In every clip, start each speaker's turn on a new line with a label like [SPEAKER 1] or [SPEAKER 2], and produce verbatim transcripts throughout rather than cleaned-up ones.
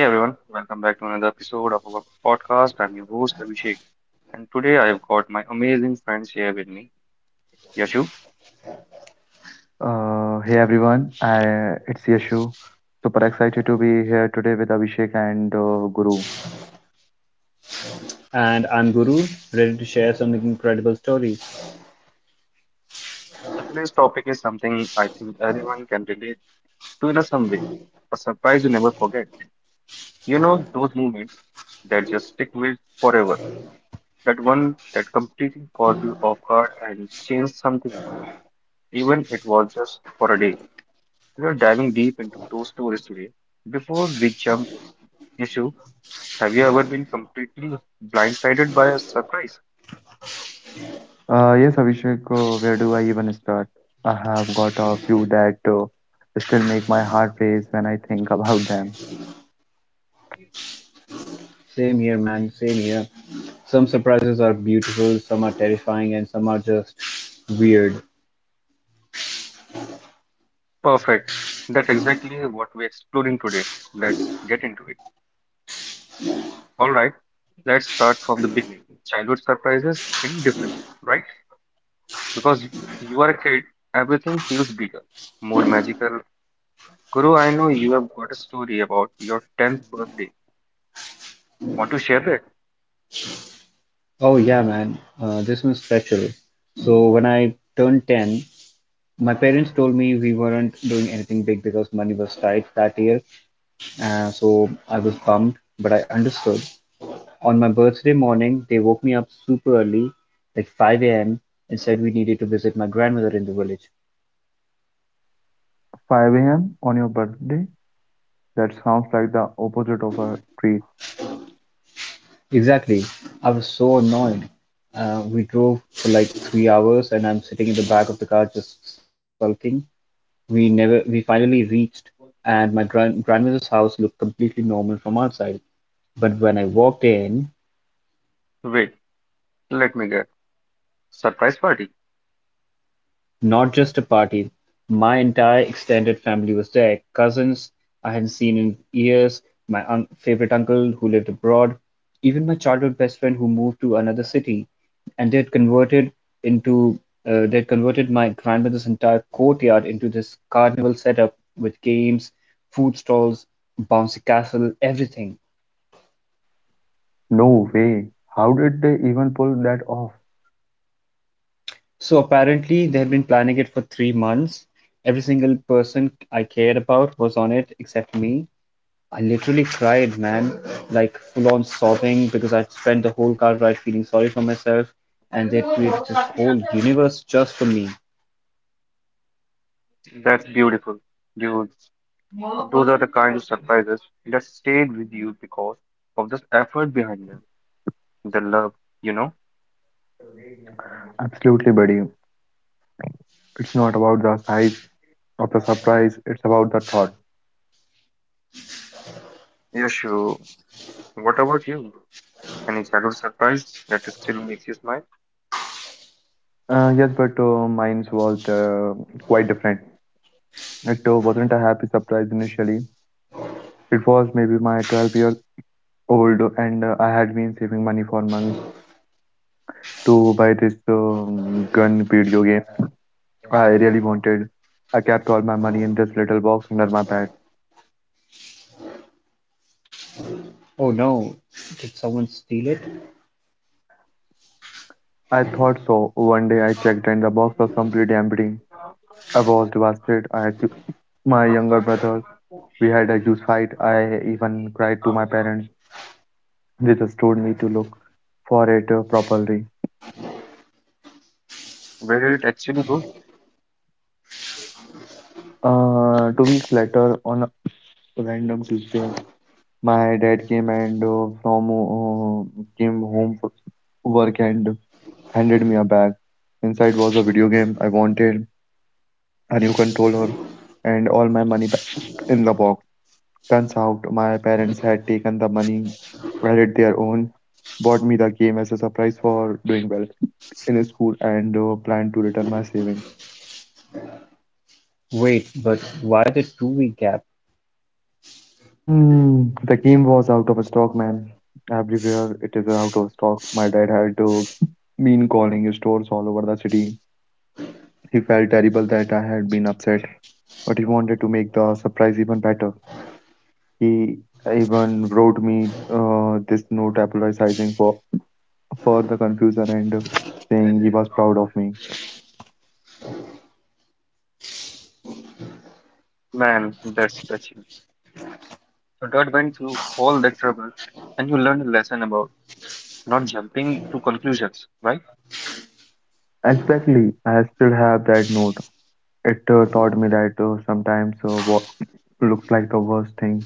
[SPEAKER 1] Hey everyone, welcome back to another episode of our podcast. I'm your host Abhishek, and today I've got my amazing friends here with me, Yashu.
[SPEAKER 2] Uh, hey everyone, I, it's Yashu. Super excited to be here today with Abhishek and uh, Guru.
[SPEAKER 3] And I'm Guru, ready to share some incredible stories.
[SPEAKER 1] So today's topic is something I think everyone can relate to in a some way, a surprise you never forget. You know those moments that just stick with forever. That one that completely caught you off guard and changed something in you, even if it was just for a day. We are diving deep into those stories today. Before we jump in, Yashu. Have you ever been completely blindsided by a surprise?
[SPEAKER 2] Uh, yes, Abhishek, uh, where do I even start? I have got a few that uh, still make my heart race when I think about them.
[SPEAKER 3] Same here, man, same here. Some surprises are beautiful, some are terrifying, and some are just weird.
[SPEAKER 1] Perfect. That's exactly what we're exploring today. Let's get into it. All right, let's start from the beginning. Childhood surprises feel different, right? Because you are a kid, everything feels bigger, more magical. Guru, I know you have got a story about your tenth birthday. Want to share that?
[SPEAKER 3] Oh, yeah, man, uh, this one's special. So, when I turned ten, my parents told me we weren't doing anything big because money was tight that year. Uh, so, I was bummed, but I understood. On my birthday morning, they woke me up super early, like five a m, and said we needed to visit my grandmother in the village.
[SPEAKER 2] five a m on your birthday? That sounds like the opposite of a treat.
[SPEAKER 3] Exactly. I was so annoyed. Uh, we drove for like three hours and I'm sitting in the back of the car just sulking. We never, we finally reached, and my grand grandmother's house looked completely normal from outside. But when I walked in,
[SPEAKER 1] Wait, let me get. Surprise party.
[SPEAKER 3] not just a party, my entire extended family was there, cousins I hadn't seen in years, my un- favorite uncle who lived abroad, even my childhood best friend who moved to another city, and they had converted into uh, they had converted my grandmother's entire courtyard into this carnival setup with games, food stalls, bouncy castle, everything.
[SPEAKER 2] No way. How did they even pull that off?
[SPEAKER 3] So apparently they had been planning it for three months. Every single person I cared about was on it except me. I literally cried, man, like full on sobbing because I'd spent the whole car ride feeling sorry for myself, and they'd created this whole universe just for me.
[SPEAKER 1] That's beautiful. Dude. Those are the kind of surprises that stayed with you because of the effort behind them, the love, you know?
[SPEAKER 2] Absolutely, buddy. It's not about the size of the surprise, it's about the thought.
[SPEAKER 1] Yes, sure. What about you? Any childhood surprise that still makes you smile?
[SPEAKER 2] Uh, yes, but uh, mine was uh, quite different. It uh, wasn't a happy surprise initially. It was maybe my twelve year old, and uh, I had been saving money for months to buy this um, gun video game I really wanted. I kept all my money in this little box under my bed.
[SPEAKER 3] Oh no, did someone steal it?
[SPEAKER 2] I thought so. One day I checked, and the box was completely empty. I was devastated. I had to, my younger brother. We had a huge fight. I even cried to my parents. They just told me to look for it uh, properly.
[SPEAKER 1] Where did it actually go?
[SPEAKER 2] Uh, two weeks later, on a random Tuesday, my dad came and uh, from uh, came home from work and handed me a bag. Inside was a video game I wanted, a new controller, and all my money back in the box. Turns out my parents had taken the money, added their own, bought me the game as a surprise for doing well in school, and uh, planned to return my savings.
[SPEAKER 3] Wait, but why the two week gap?
[SPEAKER 2] Hmm, the game was out of stock, man. Everywhere it is out of stock. My dad had to been calling stores all over the city. He felt terrible that I had been upset, but he wanted to make the surprise even better. He even wrote me uh, this note apologizing for for the confusion and uh, saying he was proud of me.
[SPEAKER 1] Man, that's touching. So Dad went through all that trouble and you learned a lesson about not jumping to conclusions, right?
[SPEAKER 2] Exactly, I still have that note. It uh, taught me that uh, sometimes uh, what looks like the worst thing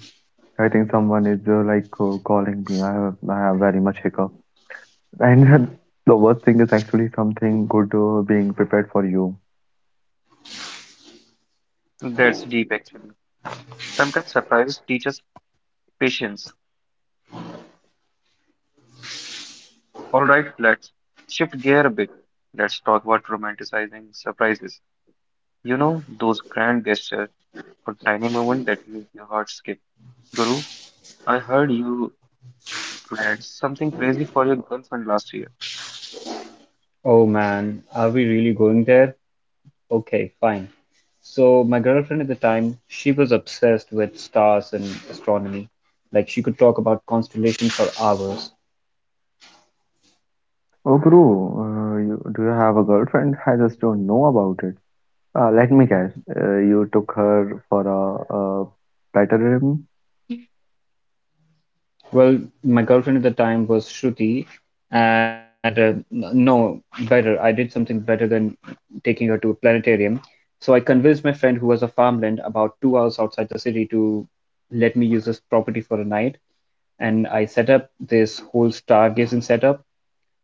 [SPEAKER 2] I think someone is uh, like uh, calling me. I have I have very much hiccup. And the worst thing is actually something good uh, being prepared for you.
[SPEAKER 1] That's deep actually. Sometimes surprise teaches patience. Alright, let's shift gear a bit. Let's talk about romanticizing surprises. You know, those grand gestures or tiny moments that make your heart skip. Guru, I heard you planned something crazy for your girlfriend last year.
[SPEAKER 3] Oh man, are we really going there? Okay, fine. So, my girlfriend at the time, she was obsessed with stars and astronomy. Like, she could talk about constellations for hours.
[SPEAKER 2] Oh, Guru, uh, you, do you have a girlfriend? I just don't know about it. Uh, let me guess. Uh, you took her for a, a better rim?
[SPEAKER 3] Well, my girlfriend at the time was Shruti, and uh, n- no, better. I did something better than taking her to a planetarium. So I convinced my friend, who was a farmland about two hours outside the city, to let me use this property for a night. And I set up this whole stargazing setup.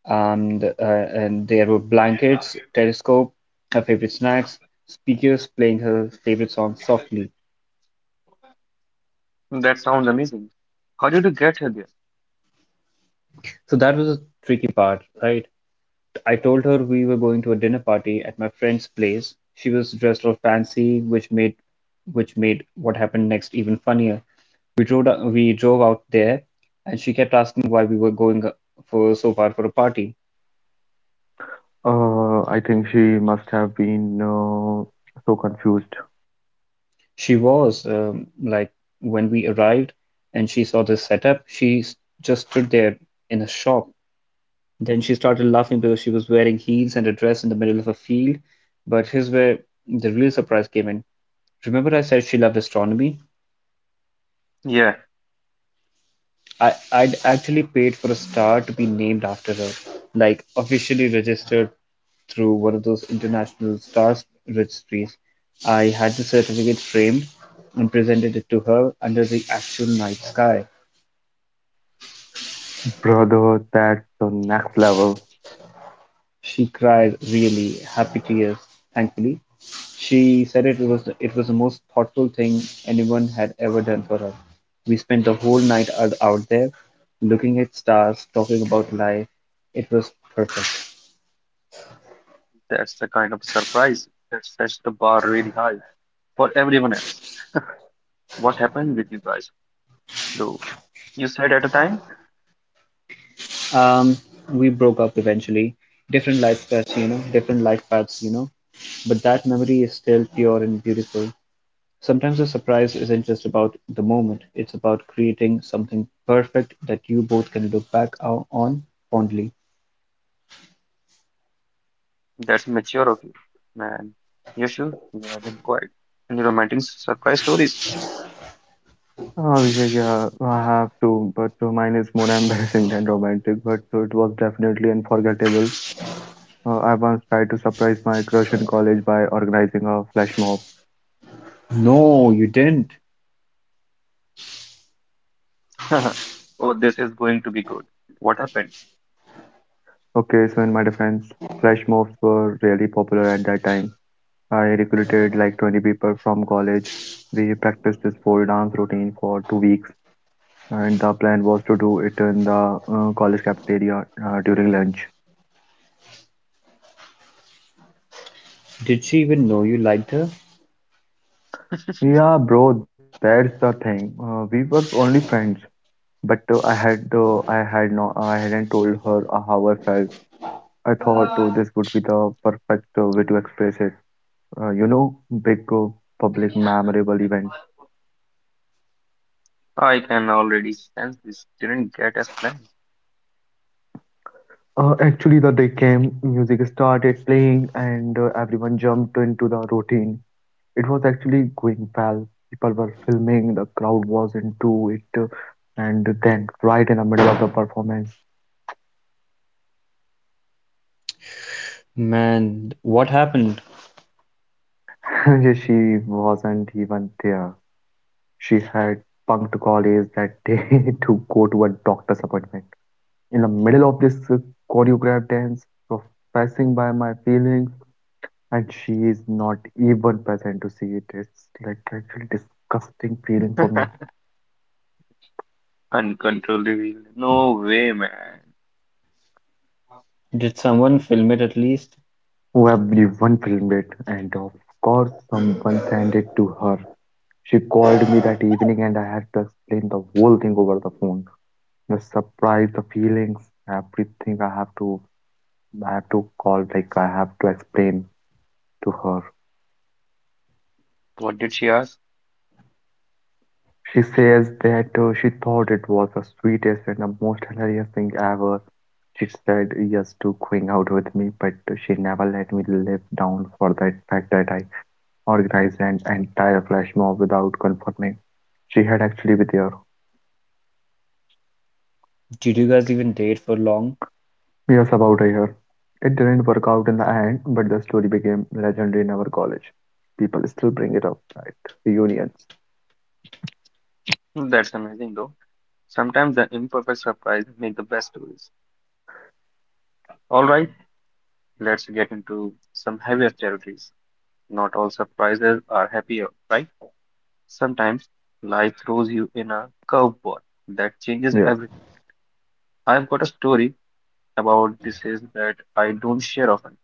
[SPEAKER 3] And, uh, and there were blankets, telescope, her favorite snacks, speakers playing her favorite song softly.
[SPEAKER 1] That sounds amazing. How did you get her there?
[SPEAKER 3] So that was the tricky part, right? I told her we were going to a dinner party at my friend's place. She was dressed all fancy, which made which made what happened next even funnier. We drove we drove out there, and she kept asking why we were going uh, for so far for a party.
[SPEAKER 2] Uh, I think she must have been uh, so confused.
[SPEAKER 3] She was um, like when we arrived and she saw this setup, she s- just stood there in a shock. Then she started laughing because she was wearing heels and a dress in the middle of a field. But here's where the real surprise came in. Remember, I said she loved astronomy?
[SPEAKER 1] Yeah,
[SPEAKER 3] I, I'd actually paid for a star to be named after her, like officially registered through one of those international stars registries. I had the certificate framed and presented it to her under the actual night sky.
[SPEAKER 2] Brother, that's the next level.
[SPEAKER 3] She cried really happy tears, thankfully. She said it was it was the most thoughtful thing anyone had ever done for her. We spent the whole night out, out there looking at stars, talking about life. It was perfect.
[SPEAKER 1] that's the kind of surprise that sets the bar really high for everyone else. What happened with you guys, though? You said at a time?
[SPEAKER 3] Um, we broke up eventually. Different life paths, you know, different life paths, you know. But that memory is still pure and beautiful. Sometimes a surprise isn't just about the moment, it's about creating something perfect that you both can look back o- on fondly.
[SPEAKER 1] That's mature of you, man. Yes, sure, you have been quiet. Any romantic surprise stories?
[SPEAKER 2] Oh, Abhishek, yeah, I have to, but uh, mine is more embarrassing than romantic, but uh, it was definitely unforgettable. Uh, I once tried to surprise my crush in college by organizing a flash mob.
[SPEAKER 3] No, you didn't.
[SPEAKER 1] Oh, this is going to be good. What happened?
[SPEAKER 2] Okay, so in my defense, flash mobs were really popular at that time. I recruited like twenty people from college. We practiced this pole dance routine for two weeks, and the plan was to do it in the uh, college cafeteria uh, during lunch.
[SPEAKER 3] Did she even know you liked her?
[SPEAKER 2] Yeah, bro, that's the thing. Uh, we were only friends. But uh, I had uh, I had no I hadn't told her uh, how I felt. I thought uh, this would be the perfect uh, way to express it. Uh, you know, big uh, public memorable event.
[SPEAKER 1] I can already sense this didn't get as planned.
[SPEAKER 2] Uh, actually, the day came, music started playing, and uh, everyone jumped into the routine. It was actually going well. People were filming, the crowd was into it, uh, and then right in the middle of the performance,
[SPEAKER 3] Man, what happened?
[SPEAKER 2] she wasn't even there. She had punked college that day to go to a doctor's appointment. In the middle of this uh, choreographed dance, professing by my feelings, and she is not even present to see it. It's like actually disgusting feeling for me.
[SPEAKER 1] Uncontrollably. No way, man.
[SPEAKER 3] Did someone film it at least?
[SPEAKER 2] Everyone filmed it, and of course, someone sent it to her. She called me that evening, and I had to explain the whole thing over the phone. The surprise, the feelings, everything. I have to, I have to call. Like I have to explain to her.
[SPEAKER 1] What did she ask?
[SPEAKER 2] She says that uh, she thought it was the sweetest and the most hilarious thing ever. She said yes to going out with me, but she never let me live down for that fact that I organized an entire flash mob without confirming. She had actually been there.
[SPEAKER 3] Did you guys even date for long?
[SPEAKER 2] Yes, about a year. It didn't work out in the end, but the story became legendary in our college. People still bring it up at reunions.
[SPEAKER 1] That's amazing, though. Sometimes the imperfect surprise make the best stories. All right, let's get into some heavier territories. Not all surprises are happier, right? Sometimes life throws you in a curveball that changes
[SPEAKER 2] Yes.
[SPEAKER 1] everything. I've got a story about this is that I don't share often.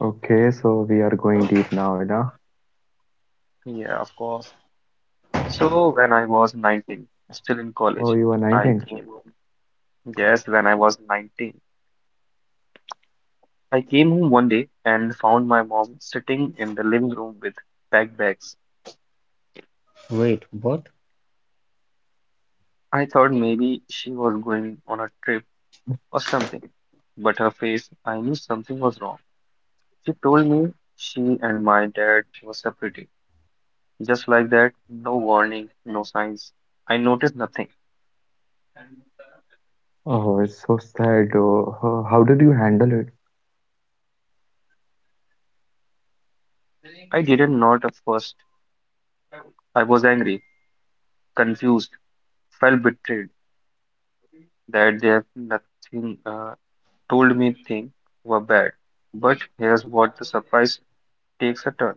[SPEAKER 2] Okay, so we are going deep now, Ina.
[SPEAKER 1] Yeah, of course. So when I was nineteen, still in
[SPEAKER 2] Oh,
[SPEAKER 1] college,
[SPEAKER 2] you are
[SPEAKER 1] I
[SPEAKER 2] nineteen.
[SPEAKER 1] came home. Yes, when I was nineteen, I came home one day and found my mom sitting in the living room with backpacks.
[SPEAKER 3] Wait, what?
[SPEAKER 1] I thought maybe she was going on a trip or something, but her face, I knew something was wrong. She told me she and my dad were separating. Just like that, no warning, no signs. I noticed nothing.
[SPEAKER 2] Oh, it's so sad. Oh, ho- how did you handle it?
[SPEAKER 1] I didn't not at first. I was angry, confused, felt betrayed that they have nothing uh, told me things were bad. But here's what the surprise takes a turn.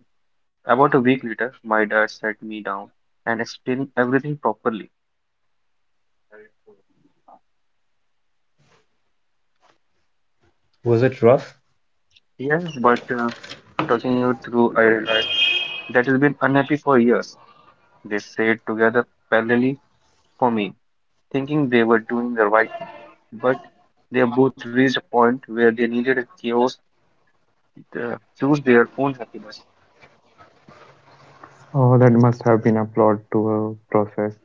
[SPEAKER 1] About a week later, my dad sat me down and explained everything properly.
[SPEAKER 3] Was it rough?
[SPEAKER 1] Yeah, but uh, talking it through, I realized that has been unhappy for years. They stayed together parallelly for me, thinking they were doing the right thing. But they both reached a point where they needed a chaos to choose their own happiness.
[SPEAKER 2] Oh, that must have been a plot to a process.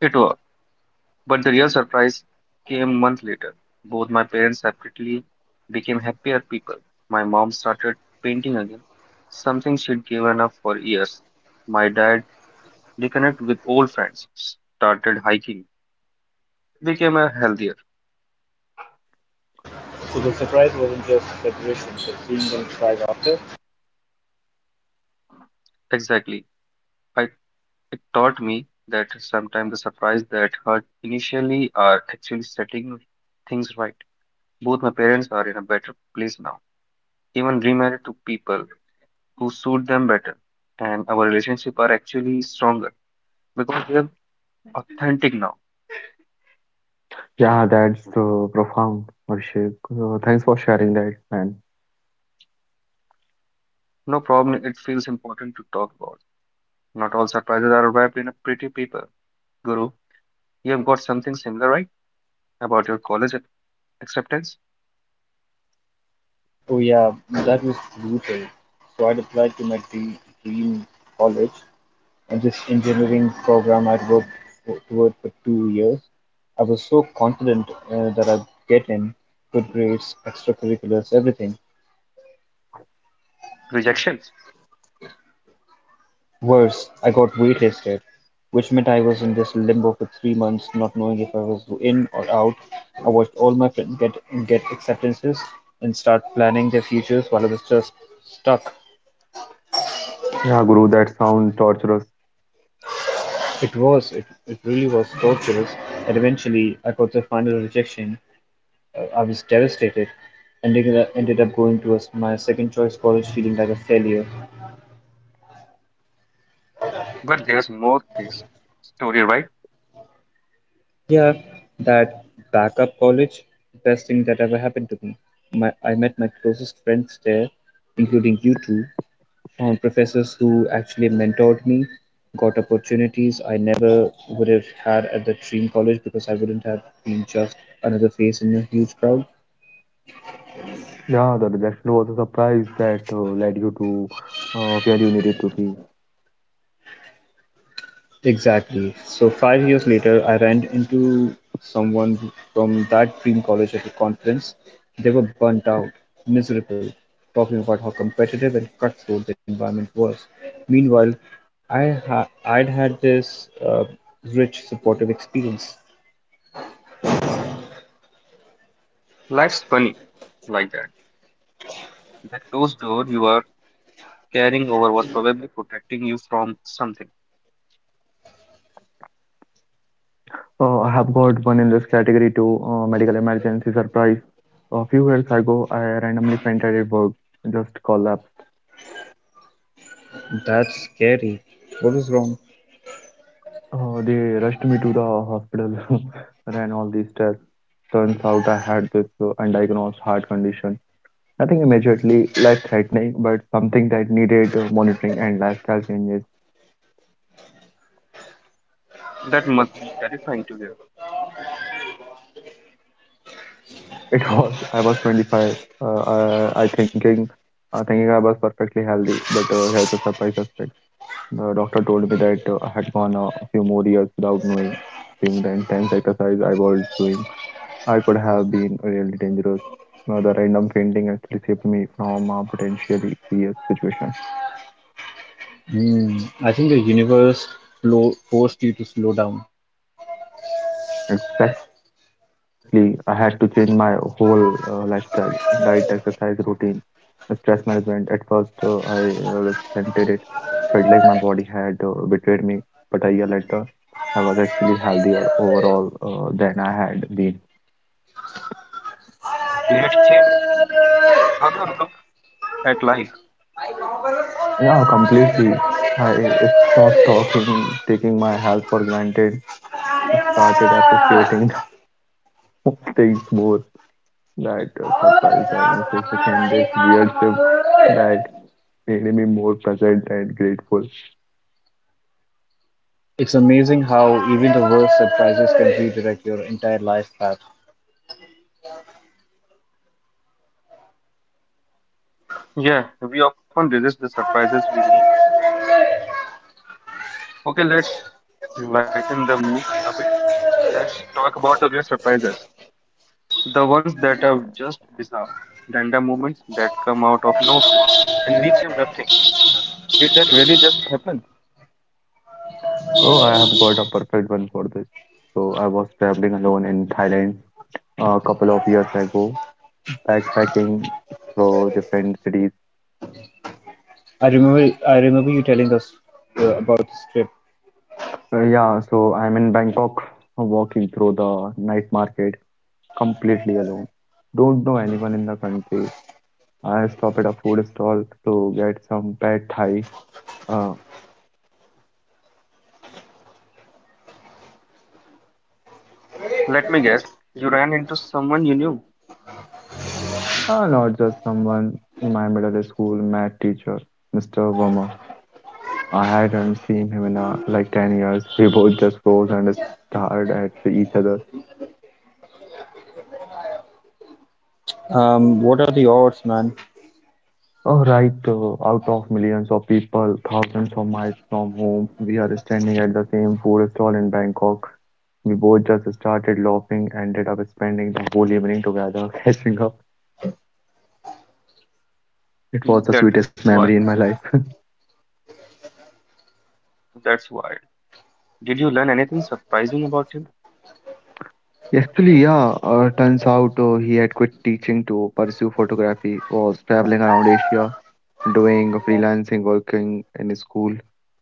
[SPEAKER 1] It worked. But the real surprise came months later. Both my parents separately became happier people. My mom started painting again, something she'd given up for years. My dad reconnected with old friends, started hiking, became a healthier.
[SPEAKER 3] So the surprise wasn't just separation, but seeing them thrive after.
[SPEAKER 1] Exactly. I It taught me that sometimes the surprise that hurt initially are actually setting things right. Both my parents are in a better place now, even remarried to people who suit them better, and our relationship are actually stronger because they're authentic now.
[SPEAKER 2] Yeah, that's uh, profound, Abhishek. Uh, thanks for sharing that, man.
[SPEAKER 1] No problem, it feels important to talk about. Not all surprises are wrapped in a pretty paper. Guru, you have got something similar, right? About your college acceptance,
[SPEAKER 3] Oh yeah, that was brutal. So I'd applied to my dream, dream college, and this engineering program I'd worked for, toward for two years. I was so confident uh, that I'd get in, good grades, extracurriculars, everything.
[SPEAKER 1] rejections.
[SPEAKER 3] Worse, I got waitlisted, which meant I was in this limbo for three months, not knowing if I was in or out. I watched all my friends get get acceptances and start planning their futures while I was just stuck.
[SPEAKER 2] Yeah, Guru, that sound torturous.
[SPEAKER 3] It was, it, it really was torturous, and eventually I got the final rejection. Uh, I was devastated, and ended up, ended up going to a s my second choice college feeling like a failure.
[SPEAKER 1] But there's more to this story, right?
[SPEAKER 3] Yeah, that backup college, best thing that ever happened to me. My, I met my closest friends there, including you two, found professors who actually mentored me, got opportunities I never would have had at the dream college because I wouldn't have been just another face in a huge crowd.
[SPEAKER 2] Yeah, the rejection was a surprise that uh, led you to uh, where you needed to be.
[SPEAKER 3] Exactly, so five years later I ran into someone from that dream college at a conference. They were burnt out, miserable, talking about how competitive and cutthroat the environment was. Meanwhile, I ha- I'd had this uh, rich, supportive experience.
[SPEAKER 1] Life's funny like that. That ghost door you are carrying over was probably protecting you from something.
[SPEAKER 2] Uh, I have got one in this category too, uh, medical emergency surprise. A few years ago, I randomly fainted at work, just collapsed.
[SPEAKER 3] That's scary. What was wrong?
[SPEAKER 2] Uh, they rushed me to the hospital, ran all these tests. Turns out I had this uh, undiagnosed heart condition. Nothing immediately life threatening, but something that needed uh, monitoring and lifestyle changes.
[SPEAKER 1] That must be terrifying to hear.
[SPEAKER 2] It was, I was twenty-five. Uh, uh, I thinking, uh, thinking I was perfectly healthy, but uh, here's the surprise aspect. The doctor told me that uh, I had gone uh, a few more years without knowing, seeing the intense exercise I was doing. I could have been really dangerous. Uh, the random fainting actually saved me from a potentially serious situation.
[SPEAKER 3] Hmm, I think the universe flo- forced you to slow down.
[SPEAKER 2] Exactly. I had to change my whole uh, lifestyle, diet, exercise, routine, stress management. At first, uh, I uh, resented it, felt like my body had uh, betrayed me. But a year later, I was actually healthier overall uh, than I had been.
[SPEAKER 1] Did it change how you look at life?
[SPEAKER 2] Yeah, completely. I stopped talking, taking my health for granted, started appreciating things more. Right, uh, surprise diagnosis became this weird shift that made me more present and grateful.
[SPEAKER 3] It's amazing how even the worst surprises can redirect your entire life path.
[SPEAKER 1] Yeah, we often resist the surprises we need most.
[SPEAKER 3] I
[SPEAKER 1] Okay, let's lighten the mood a bit. Let's talk about the weird surprises. The ones that are just bizarre, random moments that come out of nowhere and leaves you nothing. Did that really just happen?
[SPEAKER 2] Oh, I have got a perfect one for this. So I was traveling alone in Thailand a couple of years ago, backpacking through different cities.
[SPEAKER 3] remember, I remember you telling us uh, about this trip.
[SPEAKER 2] Uh, yeah, so I'm in Bangkok, walking through the night market completely alone. Don't know anyone in the country. I stop at a food stall to get some pad thai. Uh,
[SPEAKER 1] Let me guess. You ran into someone you knew.
[SPEAKER 2] Ah, not just someone in my middle school math teacher, mister Verma. I hadn't seen him in uh, like ten years. We both just froze and stared at each other.
[SPEAKER 3] Um, what are the odds, man?
[SPEAKER 2] Oh, right, uh, out of millions of people, thousands of miles from home, we are standing at the same food stall in Bangkok. We both just started laughing, ended up spending the whole evening together, catching up. It was the sweetest
[SPEAKER 1] That's
[SPEAKER 2] memory in
[SPEAKER 1] why.
[SPEAKER 2] my life.
[SPEAKER 1] That's why. Did you learn anything surprising about him?
[SPEAKER 2] Actually, yeah, uh, turns out uh, he had quit teaching to pursue photography, was traveling around Asia, doing freelancing, working in a school.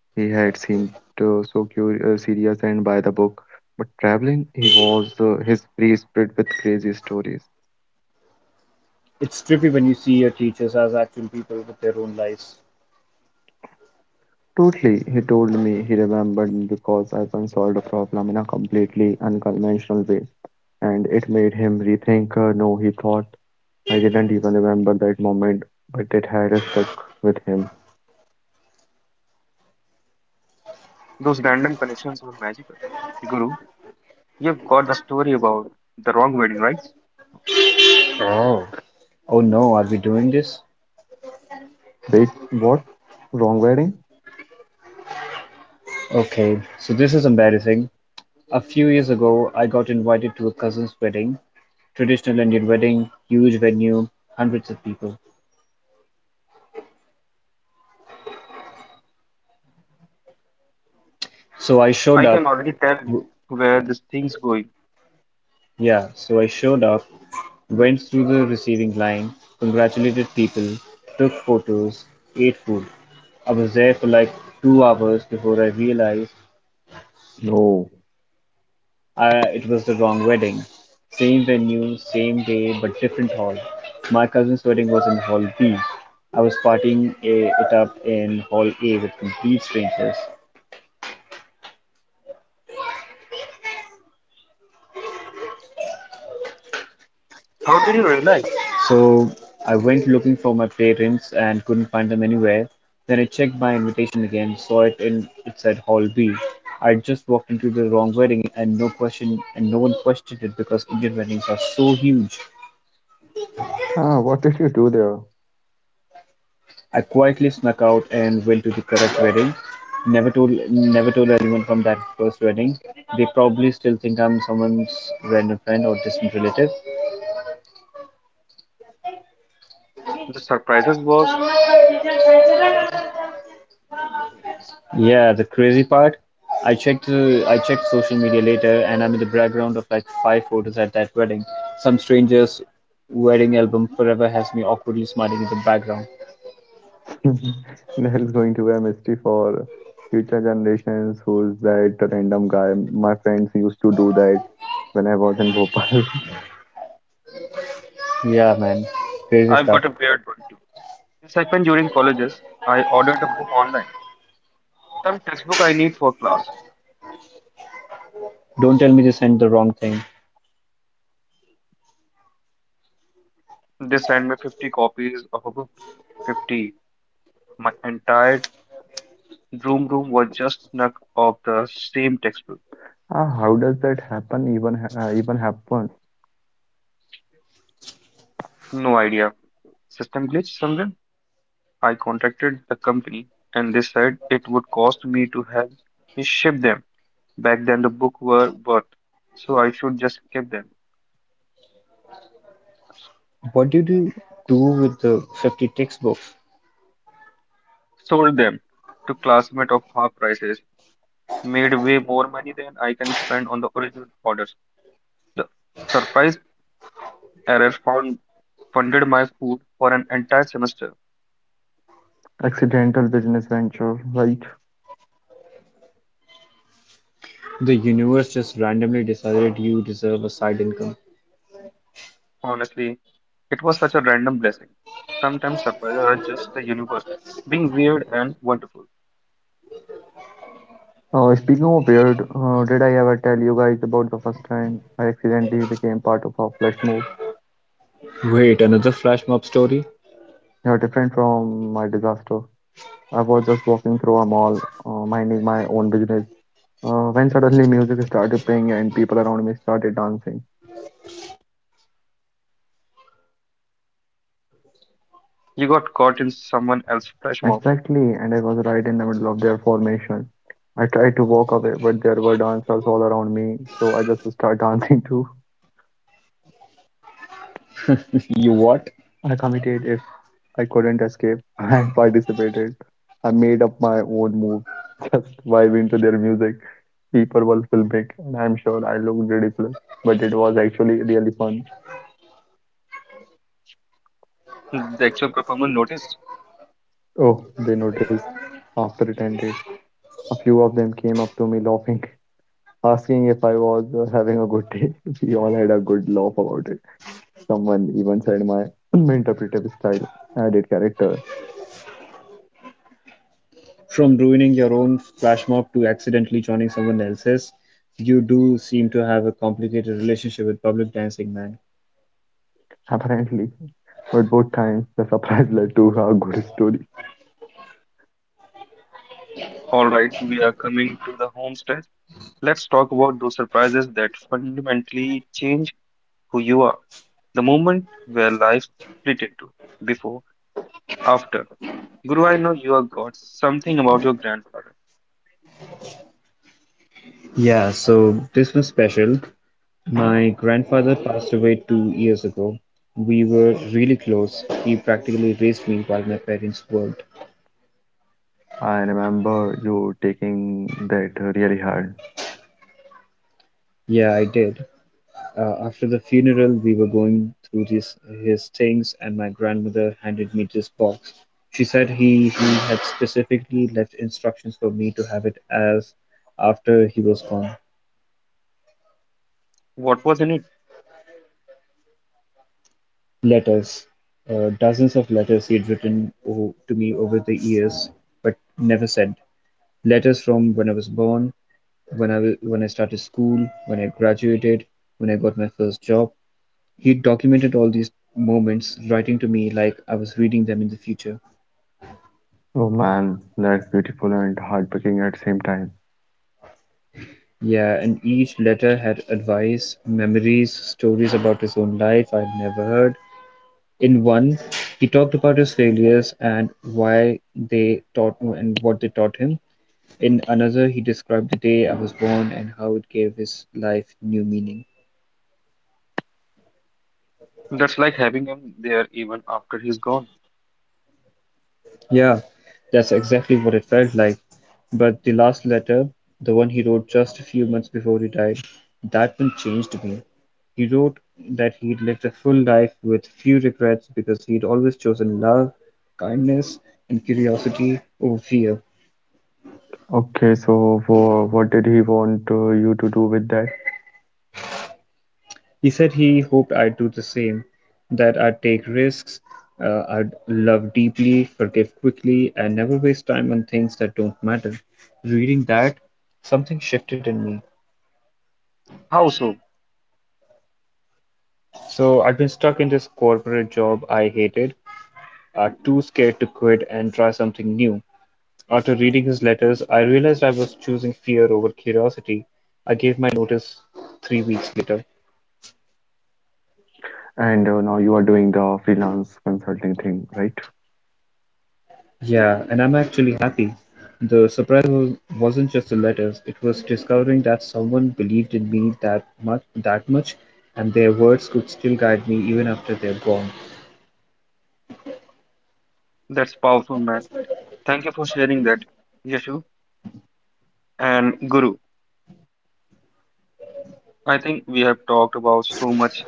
[SPEAKER 2] He had seemed uh, so curious, uh, serious and by the book. But traveling, he was uh, his free spirit with crazy stories.
[SPEAKER 3] It's trippy when you see your teachers as actual people with their own lives.
[SPEAKER 2] Totally, he told me he remembered me because I once solved a problem in a completely unconventional way, and it made him rethink. Uh, no, he thought I didn't even remember that moment, but it had stuck with him.
[SPEAKER 1] Those random connections are magical. Guru, you've got the story about the wrong wedding, right?
[SPEAKER 3] Oh. Oh no, are we doing this?
[SPEAKER 2] Wait, what? Wrong wedding?
[SPEAKER 3] Okay, so this is embarrassing. A few years ago, I got invited to a cousin's wedding. Traditional Indian wedding, huge venue, hundreds of people. So I showed up.
[SPEAKER 1] I can already
[SPEAKER 3] w-
[SPEAKER 1] tell where this thing's going.
[SPEAKER 3] Yeah, so I showed up, went through the receiving line, congratulated people, took photos, ate food. I was there for like two hours before I realized
[SPEAKER 2] No.
[SPEAKER 3] I, it was the wrong wedding. Same venue, same day, but different hall. My cousin's wedding was in Hall B. I was partying eh, it up in Hall A with complete strangers.
[SPEAKER 1] How did you realize
[SPEAKER 3] So I went looking for my parents and couldn't find them anywhere. Then I checked my invitation again, saw it in it said Hall B. I just walked into the wrong wedding and no question and no one questioned it because Indian weddings are so huge.
[SPEAKER 2] Ah, what did you do there?
[SPEAKER 3] I quietly snuck out and went to the correct wedding. Never told never told anyone from that first wedding. They probably still think I'm someone's random friend or distant relative.
[SPEAKER 1] the surprises was on them?
[SPEAKER 3] Yeah, the crazy part. I checked uh, I checked social media later and I'm in the background of like five photos at that wedding. Some stranger's wedding album forever has me awkwardly smiling in the background.
[SPEAKER 2] That is going to be a mystery for future generations. Who's that random guy? My friends used to do that when I was in Bhopal.
[SPEAKER 3] Yeah, man. Crazy
[SPEAKER 1] I've got
[SPEAKER 3] stuff.
[SPEAKER 1] a weird one too. This happened during colleges. I ordered a book online. Some textbook I need for class.
[SPEAKER 3] Don't tell me they sent the wrong thing.
[SPEAKER 1] They sent me fifty copies of a book. fifty. My entire room room was just snuck of the same textbook.
[SPEAKER 2] Ah, how does that happen? Even ha- uh, even happen?
[SPEAKER 1] No idea. System glitch somewhere. I contacted the company and they said it would cost me to have me ship them back then the book were worth. So I should just keep them.
[SPEAKER 3] What did you do with the fifty textbooks?
[SPEAKER 1] Sold them to classmates of half prices. Made way more money than I can spend on the original orders. The surprise error found funded my food for an entire semester.
[SPEAKER 2] Accidental business venture, right?
[SPEAKER 3] The universe just randomly decided you deserve a side income.
[SPEAKER 1] Honestly, it was such a random blessing. Sometimes surprises are just the universe being weird and wonderful.
[SPEAKER 2] Uh, speaking of weird, uh, did I ever tell you guys about the first time I accidentally became part of a flash move?
[SPEAKER 3] Wait, another flash mob story?
[SPEAKER 2] Yeah, different from my disaster. I was just walking through a mall, uh, minding my own business, uh, when suddenly music started playing and people around me started dancing.
[SPEAKER 1] You got caught in someone else's flash mob.
[SPEAKER 2] Exactly, and I was right in the middle of their formation. I tried to walk away, but there were dancers all around me, so I just started dancing too.
[SPEAKER 3] You what?
[SPEAKER 2] I committed if I couldn't escape. I participated. I made up my own move, just vibe into their music. People were filmic, and I'm sure I looked ridiculous, but it was actually really fun.
[SPEAKER 1] The actual performer noticed.
[SPEAKER 2] Oh, they noticed after it ended. A few of them came up to me laughing, asking if I was uh, having a good day. We all had a good laugh about it. Someone even said my interpretive style added character,
[SPEAKER 3] From ruining your own flash mob to accidentally joining someone else's, you do seem to have a complicated relationship with public dancing, man.
[SPEAKER 2] apparently. But both times, the surprise led to a good story.
[SPEAKER 1] All right, we are coming to the home stretch. Let's talk about those surprises that fundamentally change who you are. The moment where life split into before, after. Guru, I know you have got something about your grandfather.
[SPEAKER 3] Yeah, so this was special. My grandfather passed away two years ago. We were really close. He practically raised me while my parents worked.
[SPEAKER 2] I remember you taking that really hard.
[SPEAKER 3] Yeah, I did. Uh, after the funeral, we were going through this, his things, and my grandmother handed me this box. She said he, he had specifically left instructions for me to have it as after he was gone.
[SPEAKER 1] What was in it?
[SPEAKER 3] Letters. Uh, dozens of letters he had written o- to me over the years, but never sent. Letters from when I was born, when I, w- when I started school, when I graduated, when I got my first job. He documented all these moments, writing to me like I was reading them in the future.
[SPEAKER 2] Oh man, that's beautiful and heartbreaking at the same time.
[SPEAKER 3] Yeah, and each letter had advice, memories, stories about his own life I'd never heard. In one, he talked about his failures and why they taught and what they taught him. In another, he described the day I was born and how it gave his life new meaning.
[SPEAKER 1] That's like having him there even after he's gone.
[SPEAKER 3] Yeah, that's exactly what it felt like. But the last letter, the one he wrote just a few months before he died, that one changed me. He wrote that he'd lived a full life with few regrets because he'd always chosen love, kindness, and curiosity over fear.
[SPEAKER 2] Okay, so for, what did he want uh, you to do with that?
[SPEAKER 3] He said he hoped I'd do the same, that I'd take risks, uh, I'd love deeply, forgive quickly, and never waste time on things that don't matter. Reading that, something shifted in me.
[SPEAKER 1] How so?
[SPEAKER 3] So I'd been stuck in this corporate job I hated, uh, too scared to quit and try something new. After reading his letters, I realized I was choosing fear over curiosity. I gave my notice three weeks later.
[SPEAKER 2] And uh, now you are doing the freelance consulting thing, right?
[SPEAKER 3] Yeah, and I'm actually happy. The surprise was, wasn't just the letters, it was discovering that someone believed in me that much, that much, and their words could still guide me even after they're gone.
[SPEAKER 1] That's powerful, man. Thank you for sharing that, Yashu and Guru. I think we have talked about so much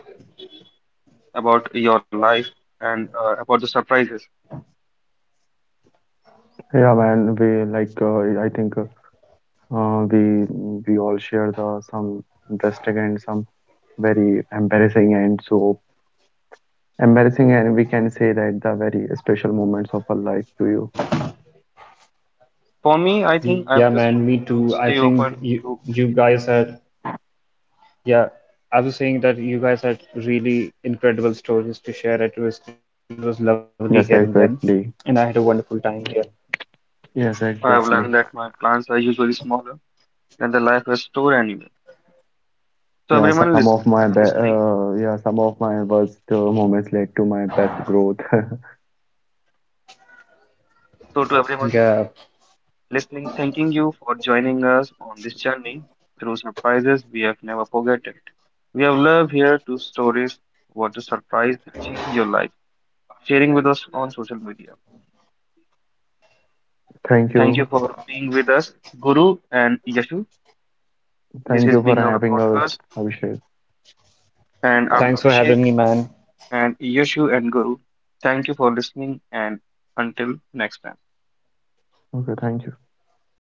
[SPEAKER 1] about your life and uh, about the surprises.
[SPEAKER 2] Yeah, man. We like uh, I think uh, uh, we we all share the some interesting and some very embarrassing and so embarrassing and we can say that the very special moments of our life to you.
[SPEAKER 1] For
[SPEAKER 3] Yeah,
[SPEAKER 1] me, I
[SPEAKER 3] man,
[SPEAKER 1] think
[SPEAKER 3] me
[SPEAKER 1] I'm just
[SPEAKER 3] too. I
[SPEAKER 1] trying to
[SPEAKER 3] think
[SPEAKER 1] stay
[SPEAKER 3] you
[SPEAKER 1] open
[SPEAKER 3] you
[SPEAKER 1] to.
[SPEAKER 3] guys had. Yeah, I was saying that you guys had really incredible stories to share. It was it was lovely hearing them, and I
[SPEAKER 2] Yes,
[SPEAKER 3] had a wonderful time
[SPEAKER 2] exactly.
[SPEAKER 3] here.
[SPEAKER 2] Yes,
[SPEAKER 1] I've learned
[SPEAKER 2] exactly.
[SPEAKER 1] that my plans are usually smaller than the life has stored anyway. So
[SPEAKER 2] Yeah,
[SPEAKER 1] everyone
[SPEAKER 2] some
[SPEAKER 1] lis-
[SPEAKER 2] of my
[SPEAKER 1] uh,
[SPEAKER 2] be
[SPEAKER 1] listening,
[SPEAKER 2] uh, yeah, some of my worst uh, moments led to my best growth.
[SPEAKER 3] Yeah,
[SPEAKER 1] so to everyone listening, thanking you for joining us on this journey through surprises we have never forgotten. We have loved here two stories what a surprise that changed your life, sharing with us on social media.
[SPEAKER 2] Thank
[SPEAKER 1] Thank you
[SPEAKER 2] you.
[SPEAKER 1] for being with us, Guru and Yashu. This is
[SPEAKER 2] Thank you
[SPEAKER 1] being
[SPEAKER 2] for
[SPEAKER 1] our
[SPEAKER 2] having
[SPEAKER 1] podcast.
[SPEAKER 2] us, Abhishek.
[SPEAKER 3] thanks for having me,
[SPEAKER 1] And
[SPEAKER 3] man.
[SPEAKER 1] I'm Abhishek and Yashu and Guru. Thank you for listening and until next time.
[SPEAKER 2] Okay, thank you.
[SPEAKER 3] Bye, everyone.